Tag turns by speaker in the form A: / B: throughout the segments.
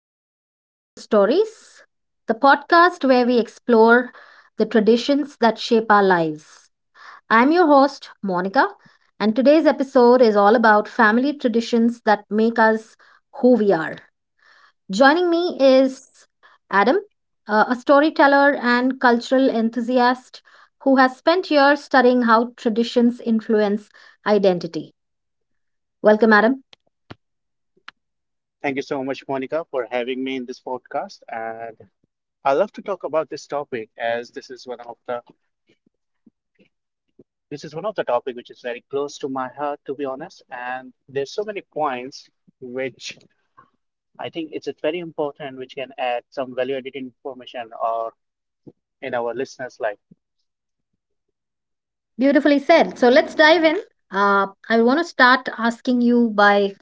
A: welcome to Roots and Stories, the podcast where we explore the traditions that shape our lives. I'm your host, Monica, and today's episode is all about family traditions that make us who we are. Joining me is Adam, a storyteller and cultural enthusiast who has spent years studying how traditions influence identity. Welcome, Adam.
B: Thank you so much, Monica, for having me in this podcast. And I love to talk about this topic as this is one of the this is one of the topic which is very close to my heart, to be honest. And there's so many points which I think it's very important which can add some value-added information or in our listeners' life.
A: Beautifully said. So let's dive in. I want to start asking you by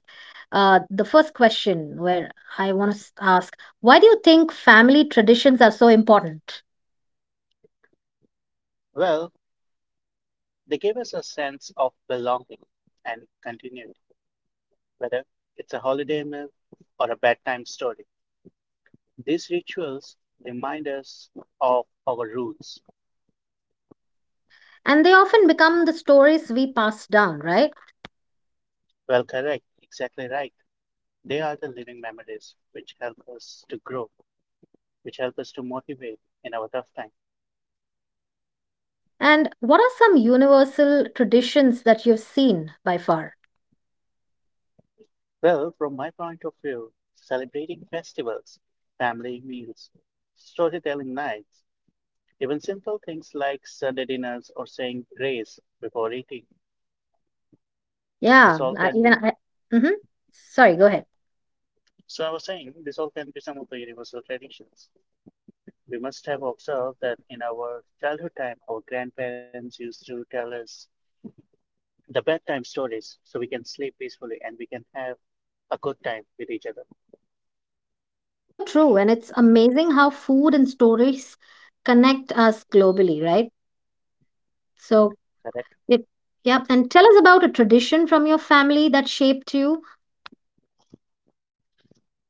A: the first question, where I want to ask, why do you think family traditions are so important?
B: Well, they gave us a sense of belonging and continuity, whether it's a holiday meal or a bedtime story. These rituals remind us of our roots.
A: And they often become the stories we pass down, right?
B: Well, correct. Exactly right. They are the living memories which help us to grow, which help us to motivate in our tough time.
A: And what are some universal traditions that you've seen by far?
B: Well, from my point of view, celebrating festivals, family meals, storytelling nights, even simple things like Sunday dinners or saying grace before eating,
A: Yeah,
B: this all
A: I,
B: can
A: even
B: be.
A: I. Mm-hmm. Sorry, go ahead.
B: So I was saying, this all can be some of the universal traditions. We must have observed that in our childhood time, our grandparents used to tell us the bedtime stories so we can sleep peacefully and we can have a good time with each other,
A: So true, and it's amazing how food and stories connect us globally, right? So
B: correct?
A: yep. Yep. And tell us about a tradition from your family that shaped you.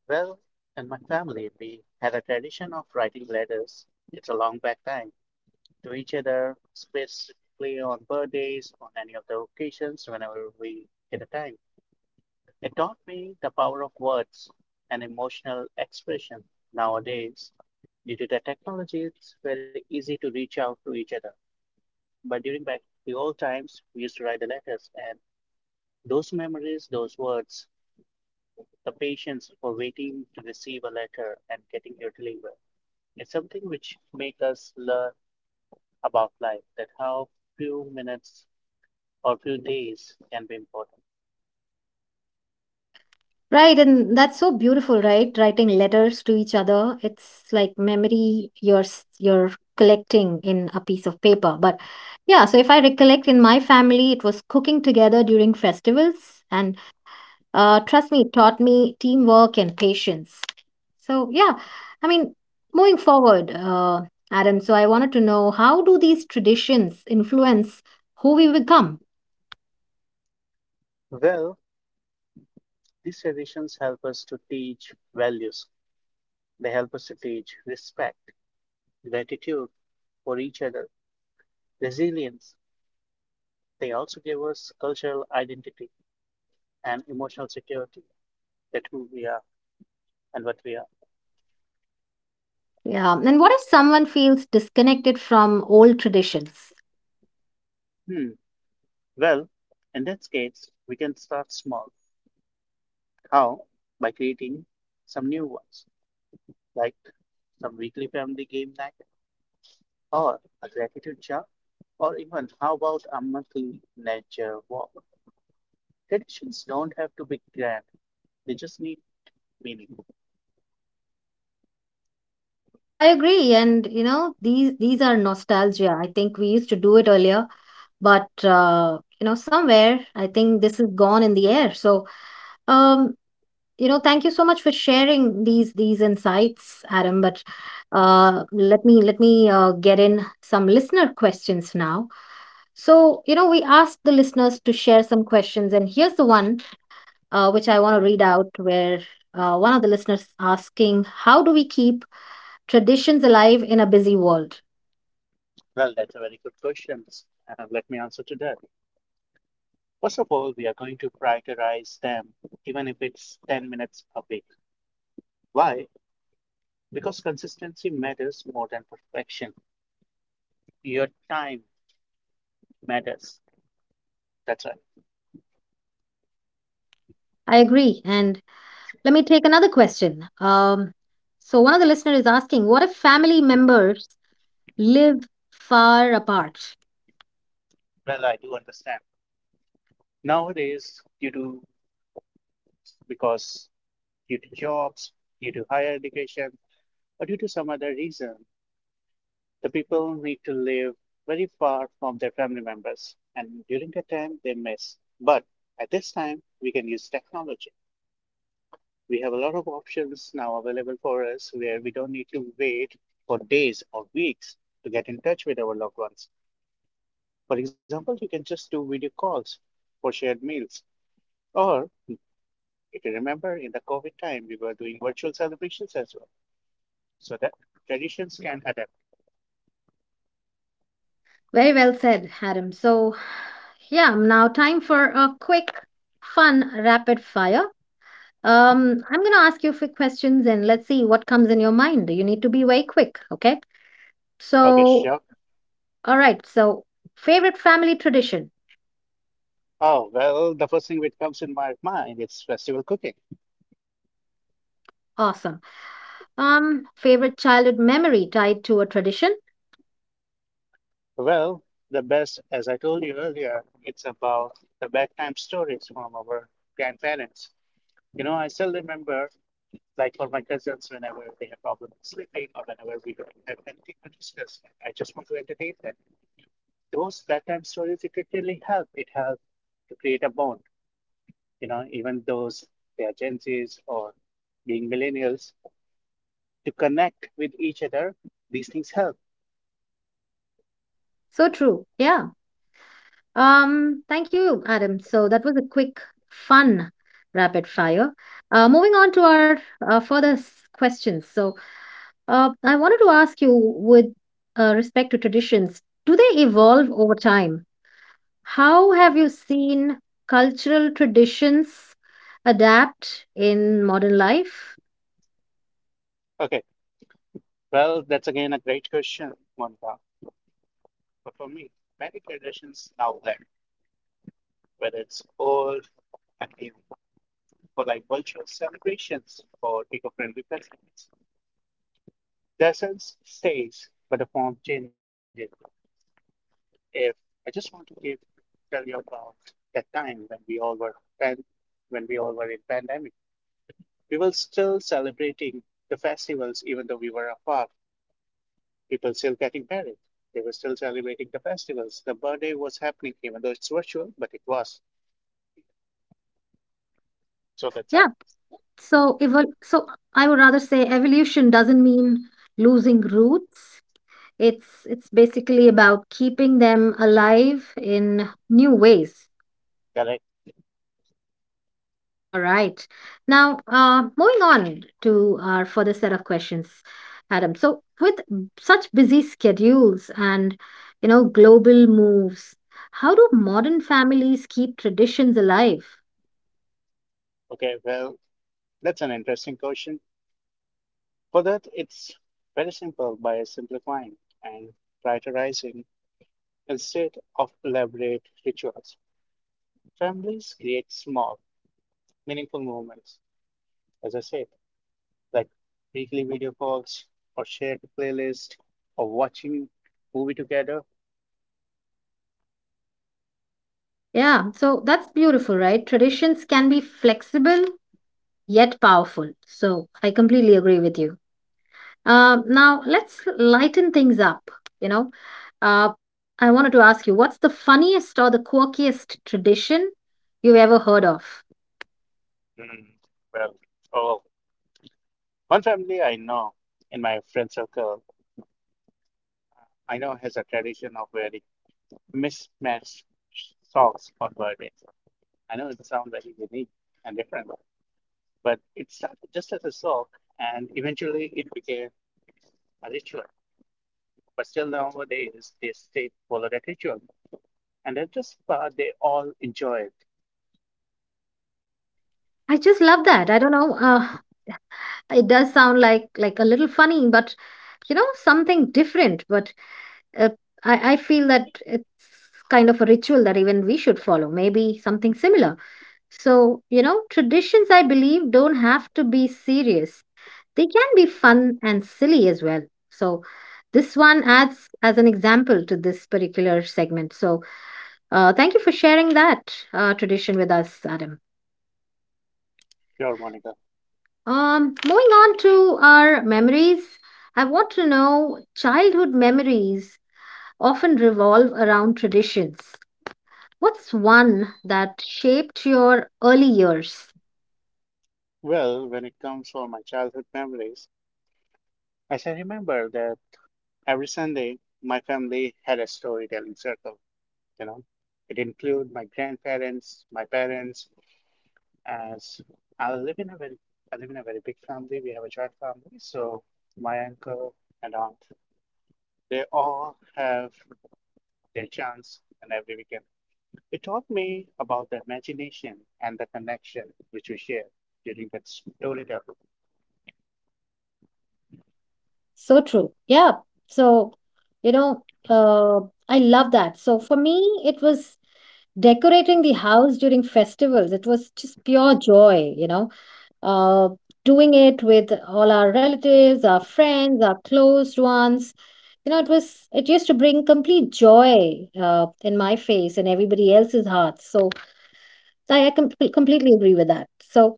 B: Well, in my family, we had a tradition of writing letters. It's a long back time to each other, specifically on birthdays, on any of the occasions, whenever we get a time. It taught me the power of words and emotional expression. Nowadays, due to the technology, it's very easy to reach out to each other. But during back the old times, we used to write the letters, and those memories, those words, the patience for waiting to receive a letter and getting your delivery is something which make us learn about life that how few minutes or few days can be important.
A: Right. And that's so beautiful, right? Writing letters to each other. It's like memory you're collecting in a piece of paper. But yeah, so if I recollect in my family, it was cooking together during festivals. And trust me, it taught me teamwork and patience. So yeah, I mean, moving forward, Adam, so I wanted to know how do these traditions influence who we become?
B: Well, these traditions help us to teach values. They help us to teach respect, gratitude for each other, resilience. They also give us cultural identity and emotional security that who we are and what we are.
A: Yeah. And what if someone feels disconnected from old traditions?
B: Hmm. Well, in this case, we can start small. How? By creating some new ones, like some weekly family game night, or a gratitude jar, or even how about a monthly nature walk? Traditions don't have to be grand, they just need meaning.
A: I agree. And you know, these are nostalgia. I think we used to do it earlier, but you know, somewhere I think this is gone in the air. So um, you know, thank you so much for sharing these insights, Adam. But let me get in some listener questions now. So, you know, we asked the listeners to share some questions, and here's the one which I want to read out, where one of the listeners asking, "How do we keep traditions alive in a busy world?"
B: Well, that's a very good question, and let me answer to that. First of all, we are going to prioritize them, even if it's 10 minutes a week. Why? Because consistency matters more than perfection. Your time matters. That's right.
A: I agree, and let me take another question. So one of the listeners is asking, "What if family members live far apart?"
B: Well, I do understand. Nowadays, because due to jobs, due to higher education, or due to some other reason, the people need to live very far from their family members, and during that time they miss. But at this time, we can use technology. We have a lot of options now available for us where we don't need to wait for days or weeks to get in touch with our loved ones. For example, you can just do video calls for shared meals, or if you remember, in the COVID time, we were doing virtual celebrations as well, so that traditions can adapt.
A: Very well said, Adam. So, yeah, now time for a quick, fun, rapid fire. I'm going to ask you a questions and let's see what comes in your mind. You need to be very quick, okay?
B: Okay, sure.
A: So, all right. So, favorite family tradition.
B: Oh, well, the first thing which comes in my mind is festival cooking.
A: Awesome. Favorite childhood memory tied to a tradition.
B: Well, the best, as I told you earlier, it's about the bedtime stories from our grandparents. You know, I still remember, like for my cousins, whenever they have problems sleeping or whenever we don't have anything to discuss, I just want to entertain them. Those bedtime stories, it really help. It helps to create a bond, you know, even those they are Gen Zs or being millennials, to connect with each other, these things help.
A: So true. Yeah. Thank you, Adam. So that was a quick, fun, rapid fire. Moving on to our further questions. So, I wanted to ask you, with respect to traditions, do they evolve over time? How have you seen cultural traditions adapt in modern life?
B: Okay, well, that's again a great question, Monica. But for me, many traditions now blend, whether it's old and new, for like virtual celebrations or eco-friendly festivals. The essence stays, but the form changes. If I just want to give tell you about that time when we all were pan, when we all were in pandemic. We were still celebrating the festivals, even though we were apart. People still getting married. They were still celebrating the festivals. The birthday was happening, even though it's virtual, but it was. So that's how.
A: Yeah. So I would rather say evolution doesn't mean losing roots. It's basically about keeping them alive in new ways.
B: Correct.
A: All right. Now, moving on to our further set of questions, Adam. So with such busy schedules and you know global moves, how do modern families keep traditions alive?
B: Okay, well, that's an interesting question. For that, it's very simple by simplifying and prioritizing instead of elaborate rituals. Families create small, meaningful moments, as I said, like weekly video calls or shared playlist or watching movie together.
A: Yeah, so that's beautiful, right? Traditions can be flexible yet powerful. So I completely agree with you. Now let's lighten things up. You know, uh, I wanted to ask you, what's the funniest or the quirkiest tradition you've ever heard of?
B: Mm, well, oh, one family I know in my friend circle, I know has a tradition of wearing mismatched socks on birthdays. I know it sounds very unique and different, but it started just as a sock and eventually it became a ritual. But still nowadays they stay follow that ritual. And that's just part they all enjoy it.
A: I just love that. I don't know. It does sound like a little funny, but you know, something different. But uh, I I, feel that it's kind of a ritual that even we should follow, maybe something similar. So, you know, traditions, I believe, don't have to be serious. They can be fun and silly as well. So, this one adds as an example to this particular segment. So, thank you for sharing that tradition with us, Adam.
B: Sure, Monica.
A: Moving on to our memories, I want to know childhood memories often revolve around traditions. What's one that shaped your early years?
B: Well, when it comes for my childhood memories, as I remember that every Sunday my family had a storytelling circle, you know. It included my grandparents, my parents, as I live in a very I live in a very big family. We have a joint family, so my uncle and aunt, they all have their chance and every weekend. It taught me about the imagination and the connection which we share during that storytelling.
A: So true. Yeah. So, you know, I love that. So for me, it was decorating the house during festivals. It was just pure joy, you know. Uh, Doing it with all our relatives, our friends, our closed ones. You know, it used to bring complete joy in my face and everybody else's hearts. So I completely agree with that. So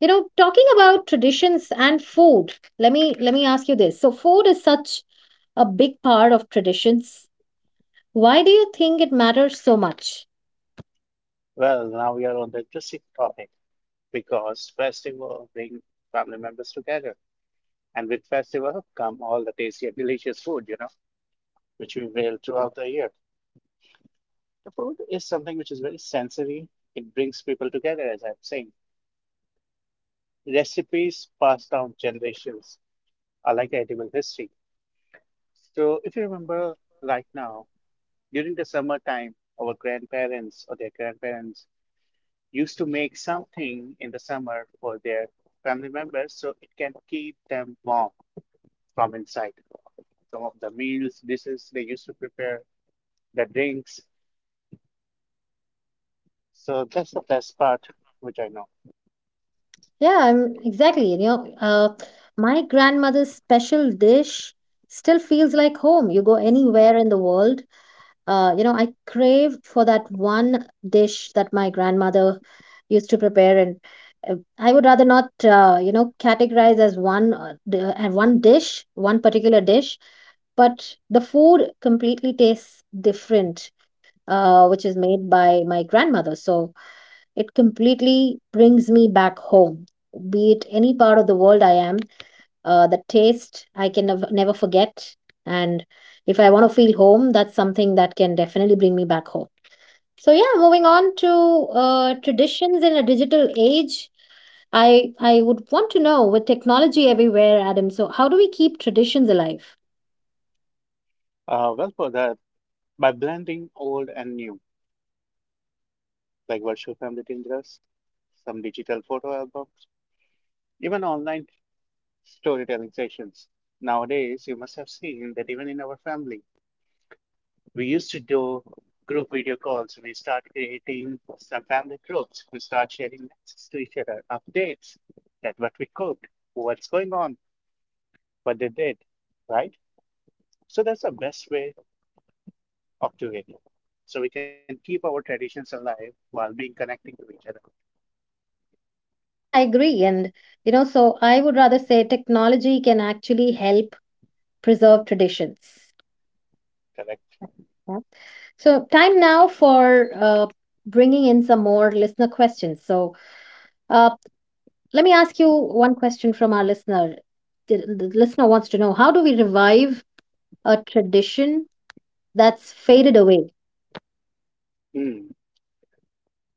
A: you know, talking about traditions and food, let me ask you this. So food is such a big part of traditions. Why do you think it matters so much?
B: Well, now we are on the interesting topic because festival bring family members together. And with festival come all the tasty and delicious food, you know, which we will throughout the year. The food is something which is very sensory. It brings people together, as I'm saying. Recipes passed down generations are like edible history. So if you remember right now, during the summertime, our grandparents or their grandparents used to make something in the summer for their family members so it can keep them warm from inside, some of the meals, dishes they used to prepare, the drinks. So that's the best part, which I know.
A: Yeah, exactly. You know, my grandmother's special dish still feels like home. You go anywhere in the world, you know, I crave for that one dish that my grandmother used to prepare, and I would rather not, you know, categorize as one dish, one particular dish, but the food completely tastes different, which is made by my grandmother. So it completely brings me back home, be it any part of the world I am. The taste I can never forget. And if I want to feel home, that's something that can definitely bring me back home. So yeah, moving on to traditions in a digital age. I would want to know with technology everywhere, Adam. So how do we keep traditions alive?
B: Well, for that, by blending old and new, like virtual family dinners, some digital photo albums, even online storytelling sessions. Nowadays, you must have seen that even in our family, we used to do group video calls. We start creating some family groups. We start sharing messages to each other, updates that what we cooked, what's going on, what they did, right? So that's the best way of doing it. So we can keep our traditions alive while being connecting to each other.
A: Yeah, I agree. And you know, so I would rather say technology can actually help preserve traditions.
B: Correct.
A: So, time now for bringing in some more listener questions. So, uh, let me ask you one question from our listener. The listener wants to know how do we revive a tradition that's faded away?
B: Hmm.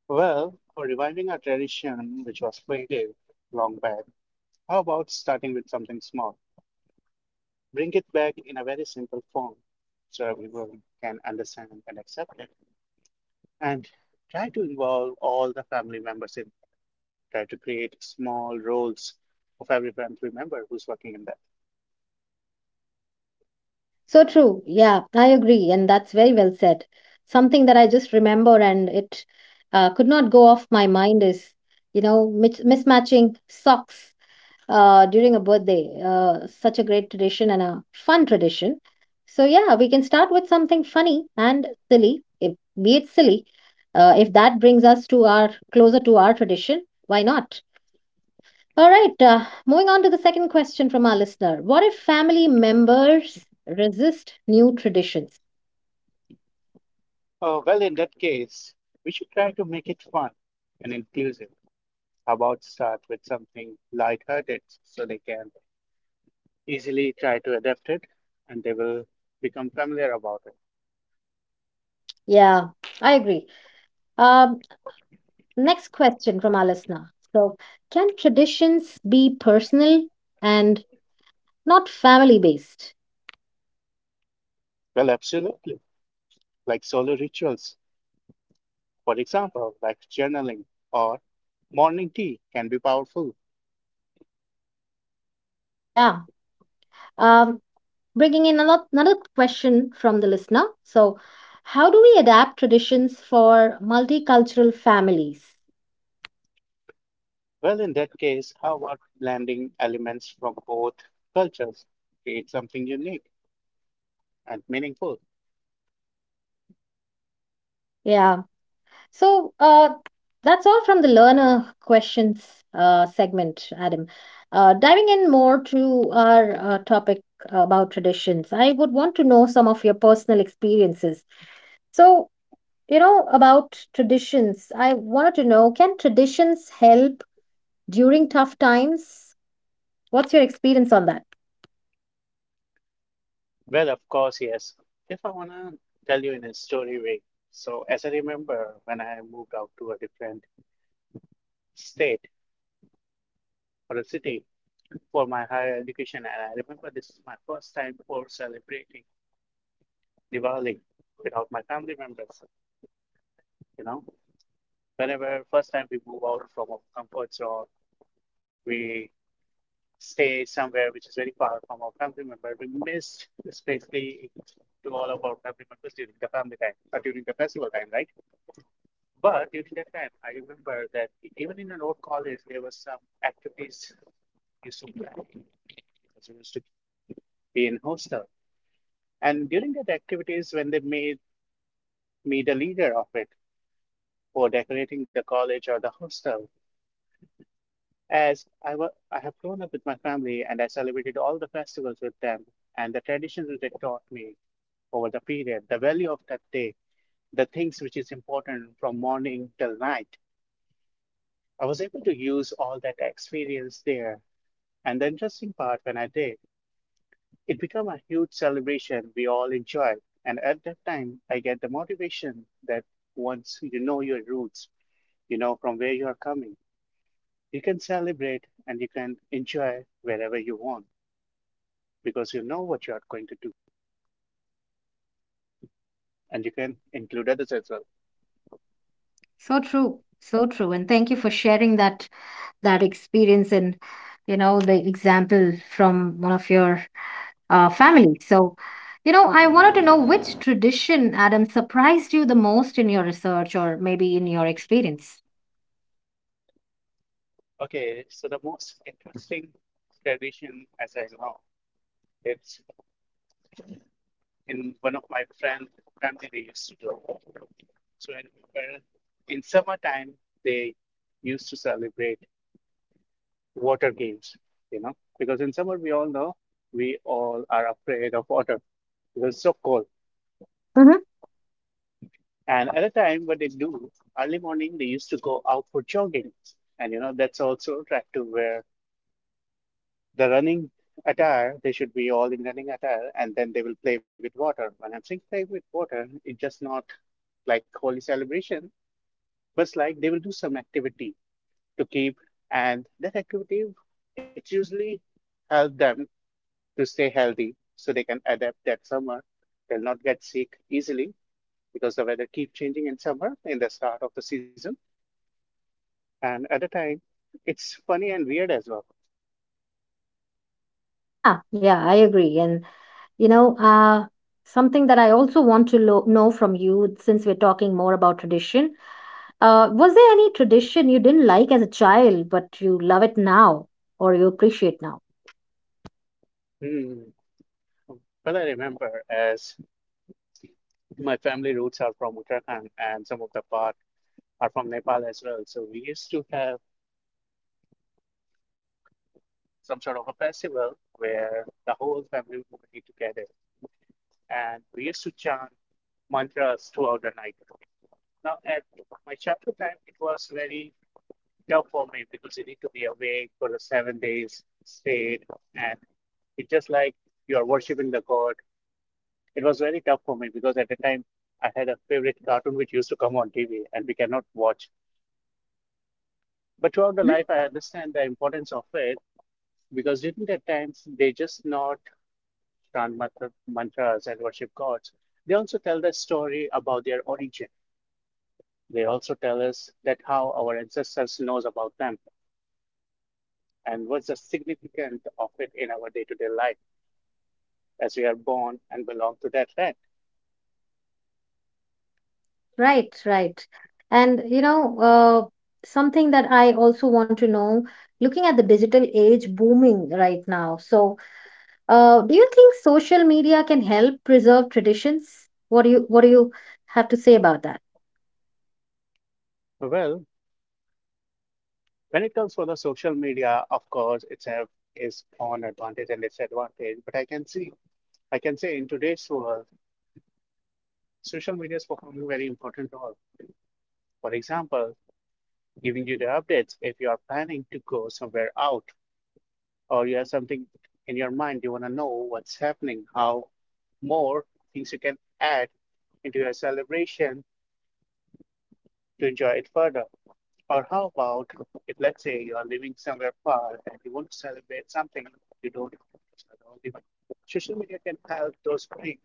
B: Well, for reviving a tradition which was faded long back, how about starting with something small? Bring it back in a very simple form so everyone can understand and accept it. And try to involve all the family members in. Try to create small roles of every family member who's working in that.
A: So true. Yeah, I agree. And that's very well said. Something that I just remember and it could not go off my mind is, you know, mismatching socks during a birthday. Such a great tradition and a fun tradition. So, yeah, we can start with something funny and silly, if, be it silly. If that brings us to our closer to our tradition, why not? All right, moving on to the second question from our listener. What if family members resist new traditions?
B: Oh, well, in that case, we should try to make it fun and inclusive. How about start with something lighthearted so they can easily try to adapt it and they will become familiar about it?
A: Yeah, I agree. Um, Next question from our listener. So, can traditions be personal and not family based?
B: Well, absolutely. Like solo rituals, for example, like journaling or morning tea can be powerful.
A: Yeah. Um, bringing in another question from the listener. So, how do we adapt traditions for multicultural families?
B: Well, in that case, how about blending elements from both cultures? Create something unique and meaningful.
A: Yeah. So, that's all from the learner questions segment, Adam. Diving in more to our topic about traditions, I would want to know some of your personal experiences. So, you know, about traditions, I wanted to know can traditions help during tough times? What's your experience on that?
B: Well, of course, yes. If I want to tell you in a story way, so as I remember when I moved out to a different state or a city for my higher education, and I remember this is my first time for celebrating Diwali without my family members. You know, whenever first time we move out from our comfort zone, we stay somewhere which is very far from our family member. We missed especially to all of our family members during the family time, during the festival time, right? But during that time, I remember that even in an old college, there was some activities used to be done, because we used to be in hostel. And during that activities, when they made me the leader of it for decorating the college or the hostel, as I have grown up with my family and I celebrated all the festivals with them and the traditions which they taught me over the period, the value of that day, the things which is important from morning till night. I was able to use all that experience there. And the interesting part when I did, it became a huge celebration we all enjoyed. And at that time, I get the motivation that once you know your roots, you know from where you are coming, you can celebrate and you can enjoy wherever you want because you know what you are going to do and you can include others as well.
A: So true, and thank you for sharing that that experience and you know the example from one of your family. So, you know, I wanted to know which tradition, Adam, surprised you the most in your research or maybe in your experience.
B: Okay, so the most interesting tradition as I know, it's in one of my friend family they used to do. So I remember in summertime they used to celebrate water games, you know, because in summer we all know we all are afraid of water because it's so cold. And at a time, what they do early morning, they used to go out for jogging, and you know that's also attractive where the running attire they should be all in running attire, and then they will play with water. When I'm saying play with water, it's just not like holy celebration, but it's like they will do some activity to keep, and that activity it usually help them to stay healthy so they can adapt that summer. They'll not get sick easily because the weather keep changing in summer in the start of the season and at the time it's funny and weird as well.
A: Yeah, yeah, I agree. And you know, something that I also want to know from you, since we're talking more about tradition, was there any tradition you didn't like as a child, but you love it now or you appreciate now?
B: Hmm. Well, I remember as my family roots are from Uttarakhand and some of the part are from Nepal as well. So we used to have some sort of a festival where the whole family would be together and we used to chant mantras throughout the night. Now, at my chapter time, it was very tough for me because you need to be awake for the 7 days straight, and it's just like you are worshiping the god. It was very tough for me because at the time I had a favorite cartoon which used to come on TV and we cannot watch. But throughout the
A: hmm
B: life, I understand the importance of it because during that time, they just not chant mantras and worship gods. They also tell the story about their origin. They also tell us that how our ancestors knows about them and what's the significance of it in our day-to-day life as we are born and belong to that land.
A: Right, right. And you know, something that I also want to know, looking at the digital age booming right now. So, do you think social media can help preserve traditions? What do you have to say about that?
B: Well, when it comes for the social media, of course, it's have its own advantage and disadvantage. But I can see, I can say in today's world, social media is performing a very important role. For example, giving you the updates if you are planning to go somewhere out or you have something in your mind you want to know what's happening, how more things you can add into your celebration to enjoy it further, or how about if let's say you are living somewhere far and you want to celebrate something you don't know, social media can help those three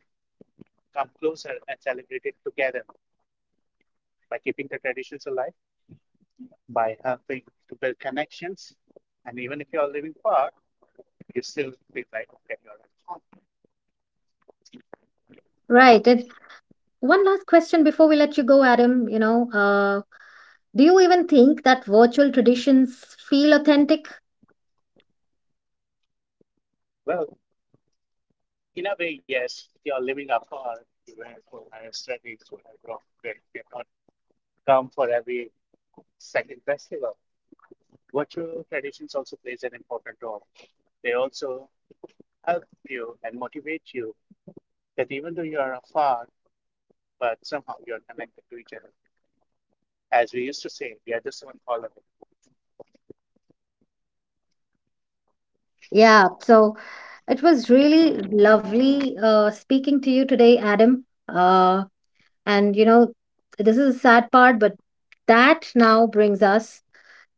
B: come closer and celebrate it together by keeping the traditions alive, by helping to build connections, and even if you are living far you still feel like okay, you're at home.
A: Right. It's one last question before we let you go, Adam. You know, do you even think that virtual traditions feel authentic?
B: Well, in a way, yes, if you are living apart, you have to have studies, whatever. They to upgrade, cannot come for every second festival. Virtual traditions also plays an important role. They also help you and motivate you that even though you are afar, but somehow you are connected to each other. As we used to say, we are just one follower.
A: Yep. Yeah. So it was really lovely speaking to you today, Adam. Uh, and, you know, this is a sad part, but that now brings us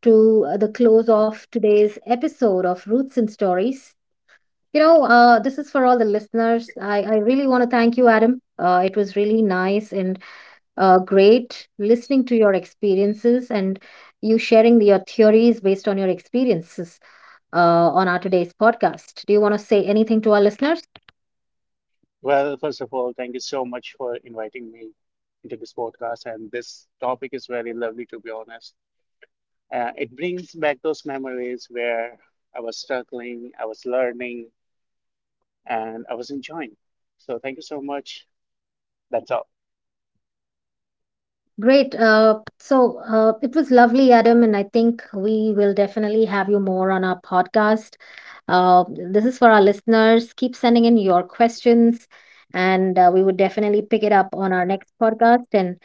A: to the close of today's episode of Roots and Stories. You know, this is for all the listeners. I really want to thank you, Adam. It was really nice and great listening to your experiences and you sharing your theories based on your experiences uh, on our today's podcast. Do you want to say anything to our listeners?
B: Well, first of all, thank you so much for inviting me into this podcast, and this topic is very lovely, to be honest. It brings back those memories where I was struggling, I was learning, and I was enjoying. So thank you so much. That's all.
A: Great. It was lovely, Adam, and I think we will definitely have you more on our podcast. Uh, this is for our listeners. Keep sending in your questions, and we would definitely pick it up on our next podcast. And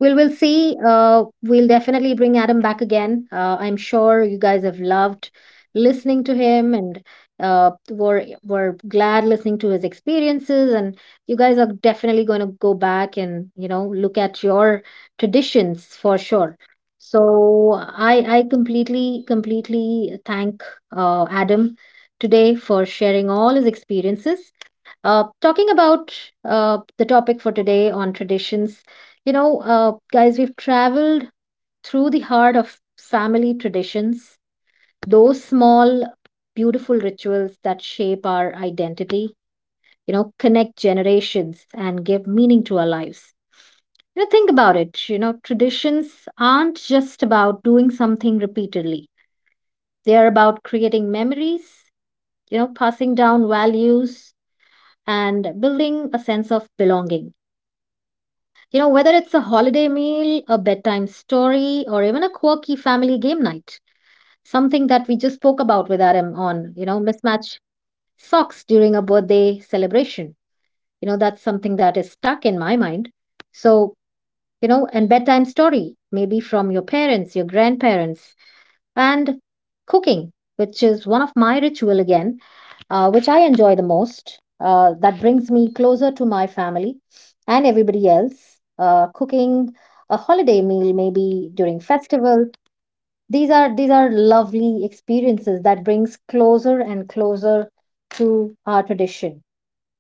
A: well, we'll see. We'll definitely bring Adam back again. I'm sure you guys have loved listening to him and were glad listening to his experiences. And you guys are definitely going to go back and you know look at your traditions for sure. So I completely thank Adam today for sharing all his experiences. Talking about the topic for today on traditions, guys, we've traveled through the heart of family traditions, those small, beautiful rituals that shape our identity, you know, connect generations and give meaning to our lives. You know, think about it. You know, traditions aren't just about doing something repeatedly, they are about creating memories, you know, passing down values and building a sense of belonging. You know, whether it's a holiday meal, a bedtime story, or even a quirky family game night, something that we just spoke about with RM on, you know, mismatch socks during a birthday celebration. You know, that's something that is stuck in my mind. So, you know, and bedtime story, maybe from your parents, your grandparents, and cooking, which is one of my ritual again which I enjoy the most. That brings me closer to my family and everybody else. Cooking a holiday meal, maybe during festival. These are lovely experiences that brings closer and closer to our tradition.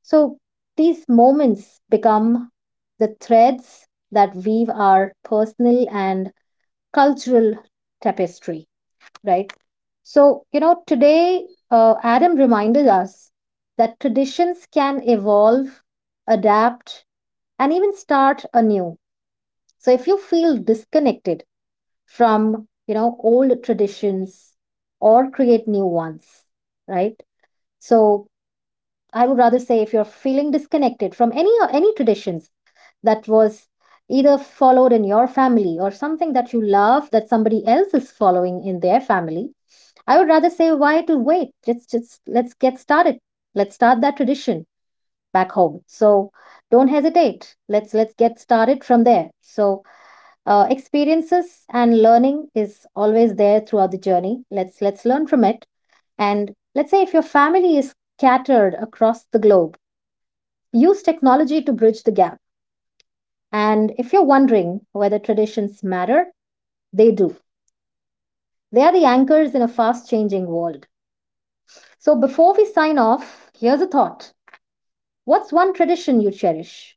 A: So these moments become the threads that weave our personal and cultural tapestry, right? So, you know, today, Adam reminded us that traditions can evolve, adapt, and even start anew. So, if you feel disconnected from, you know, old traditions or create new ones, right? So, I would rather say if you're feeling disconnected from any traditions that was either followed in your family or something that you love that somebody else is following in their family. I would rather say, why to wait? Just let's get started. Let's start that tradition back home. So don't hesitate. Let's get started from there. So experiences and learning is always there throughout the journey. Let's learn from it. And let's say if your family is scattered across the globe, use technology to bridge the gap. And if you're wondering whether traditions matter, they do. They are the anchors in a fast changing world. So before we sign off, here's a thought. What's one tradition you cherish?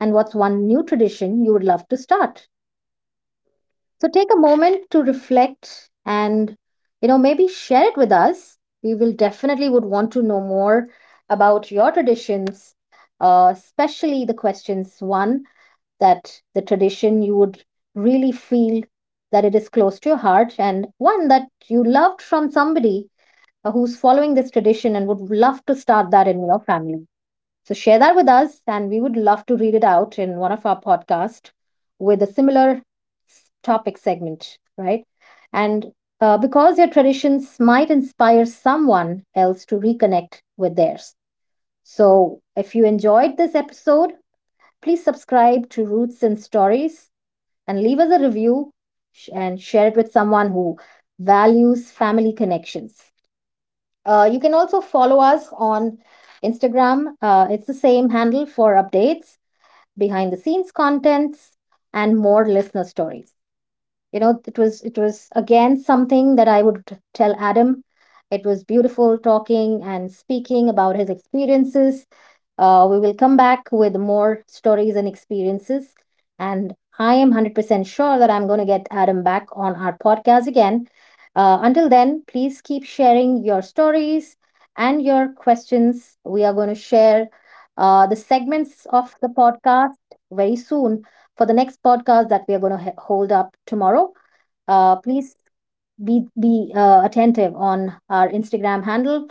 A: And what's one new tradition you would love to start? So take a moment to reflect and you know maybe share it with us. We will definitely would want to know more about your traditions, especially the questions one, that the tradition you would really feel that it is close to your heart and one that you loved from somebody who's following this tradition and would love to start that in your family. So share that with us, and we would love to read it out in one of our podcasts with a similar topic segment, right? And because your traditions might inspire someone else to reconnect with theirs. So if you enjoyed this episode, please subscribe to Roots and Stories and leave us a review and share it with someone who values family connections. You can also follow us on Instagram. It's the same handle for updates, behind the scenes contents, and more listener stories. You know, it was again something that I would tell Adam, it was beautiful talking and speaking about his experiences. Uh, we will come back with more stories and experiences. And I am 100% sure that I'm going to get Adam back on our podcast again. Until then, please keep sharing your stories and your questions. We are going to share the segments of the podcast very soon for the next podcast that we are going to hold up tomorrow. Please be attentive on our Instagram handle.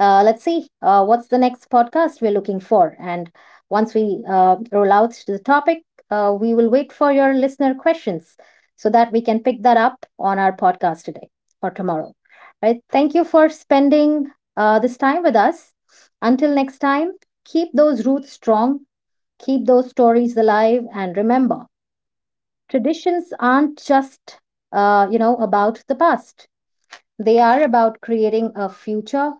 A: Let's see what's the next podcast we're looking for, and once we roll out to the topic, we will wait for your listener questions so that we can pick that up on our podcast today or tomorrow. Right? Thank you for spending this time with us. Until next time, keep those roots strong, keep those stories alive, and remember, traditions aren't just you know about the past, they are about creating a future,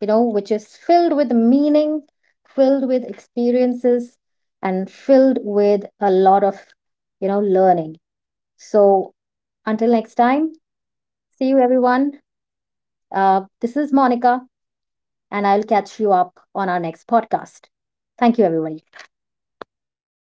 A: you know, which is filled with meaning, filled with experiences, and filled with a lot of, you know, learning. So until next time, see you everyone. This is Monica, and I'll catch you up on our next podcast. Thank you, everybody.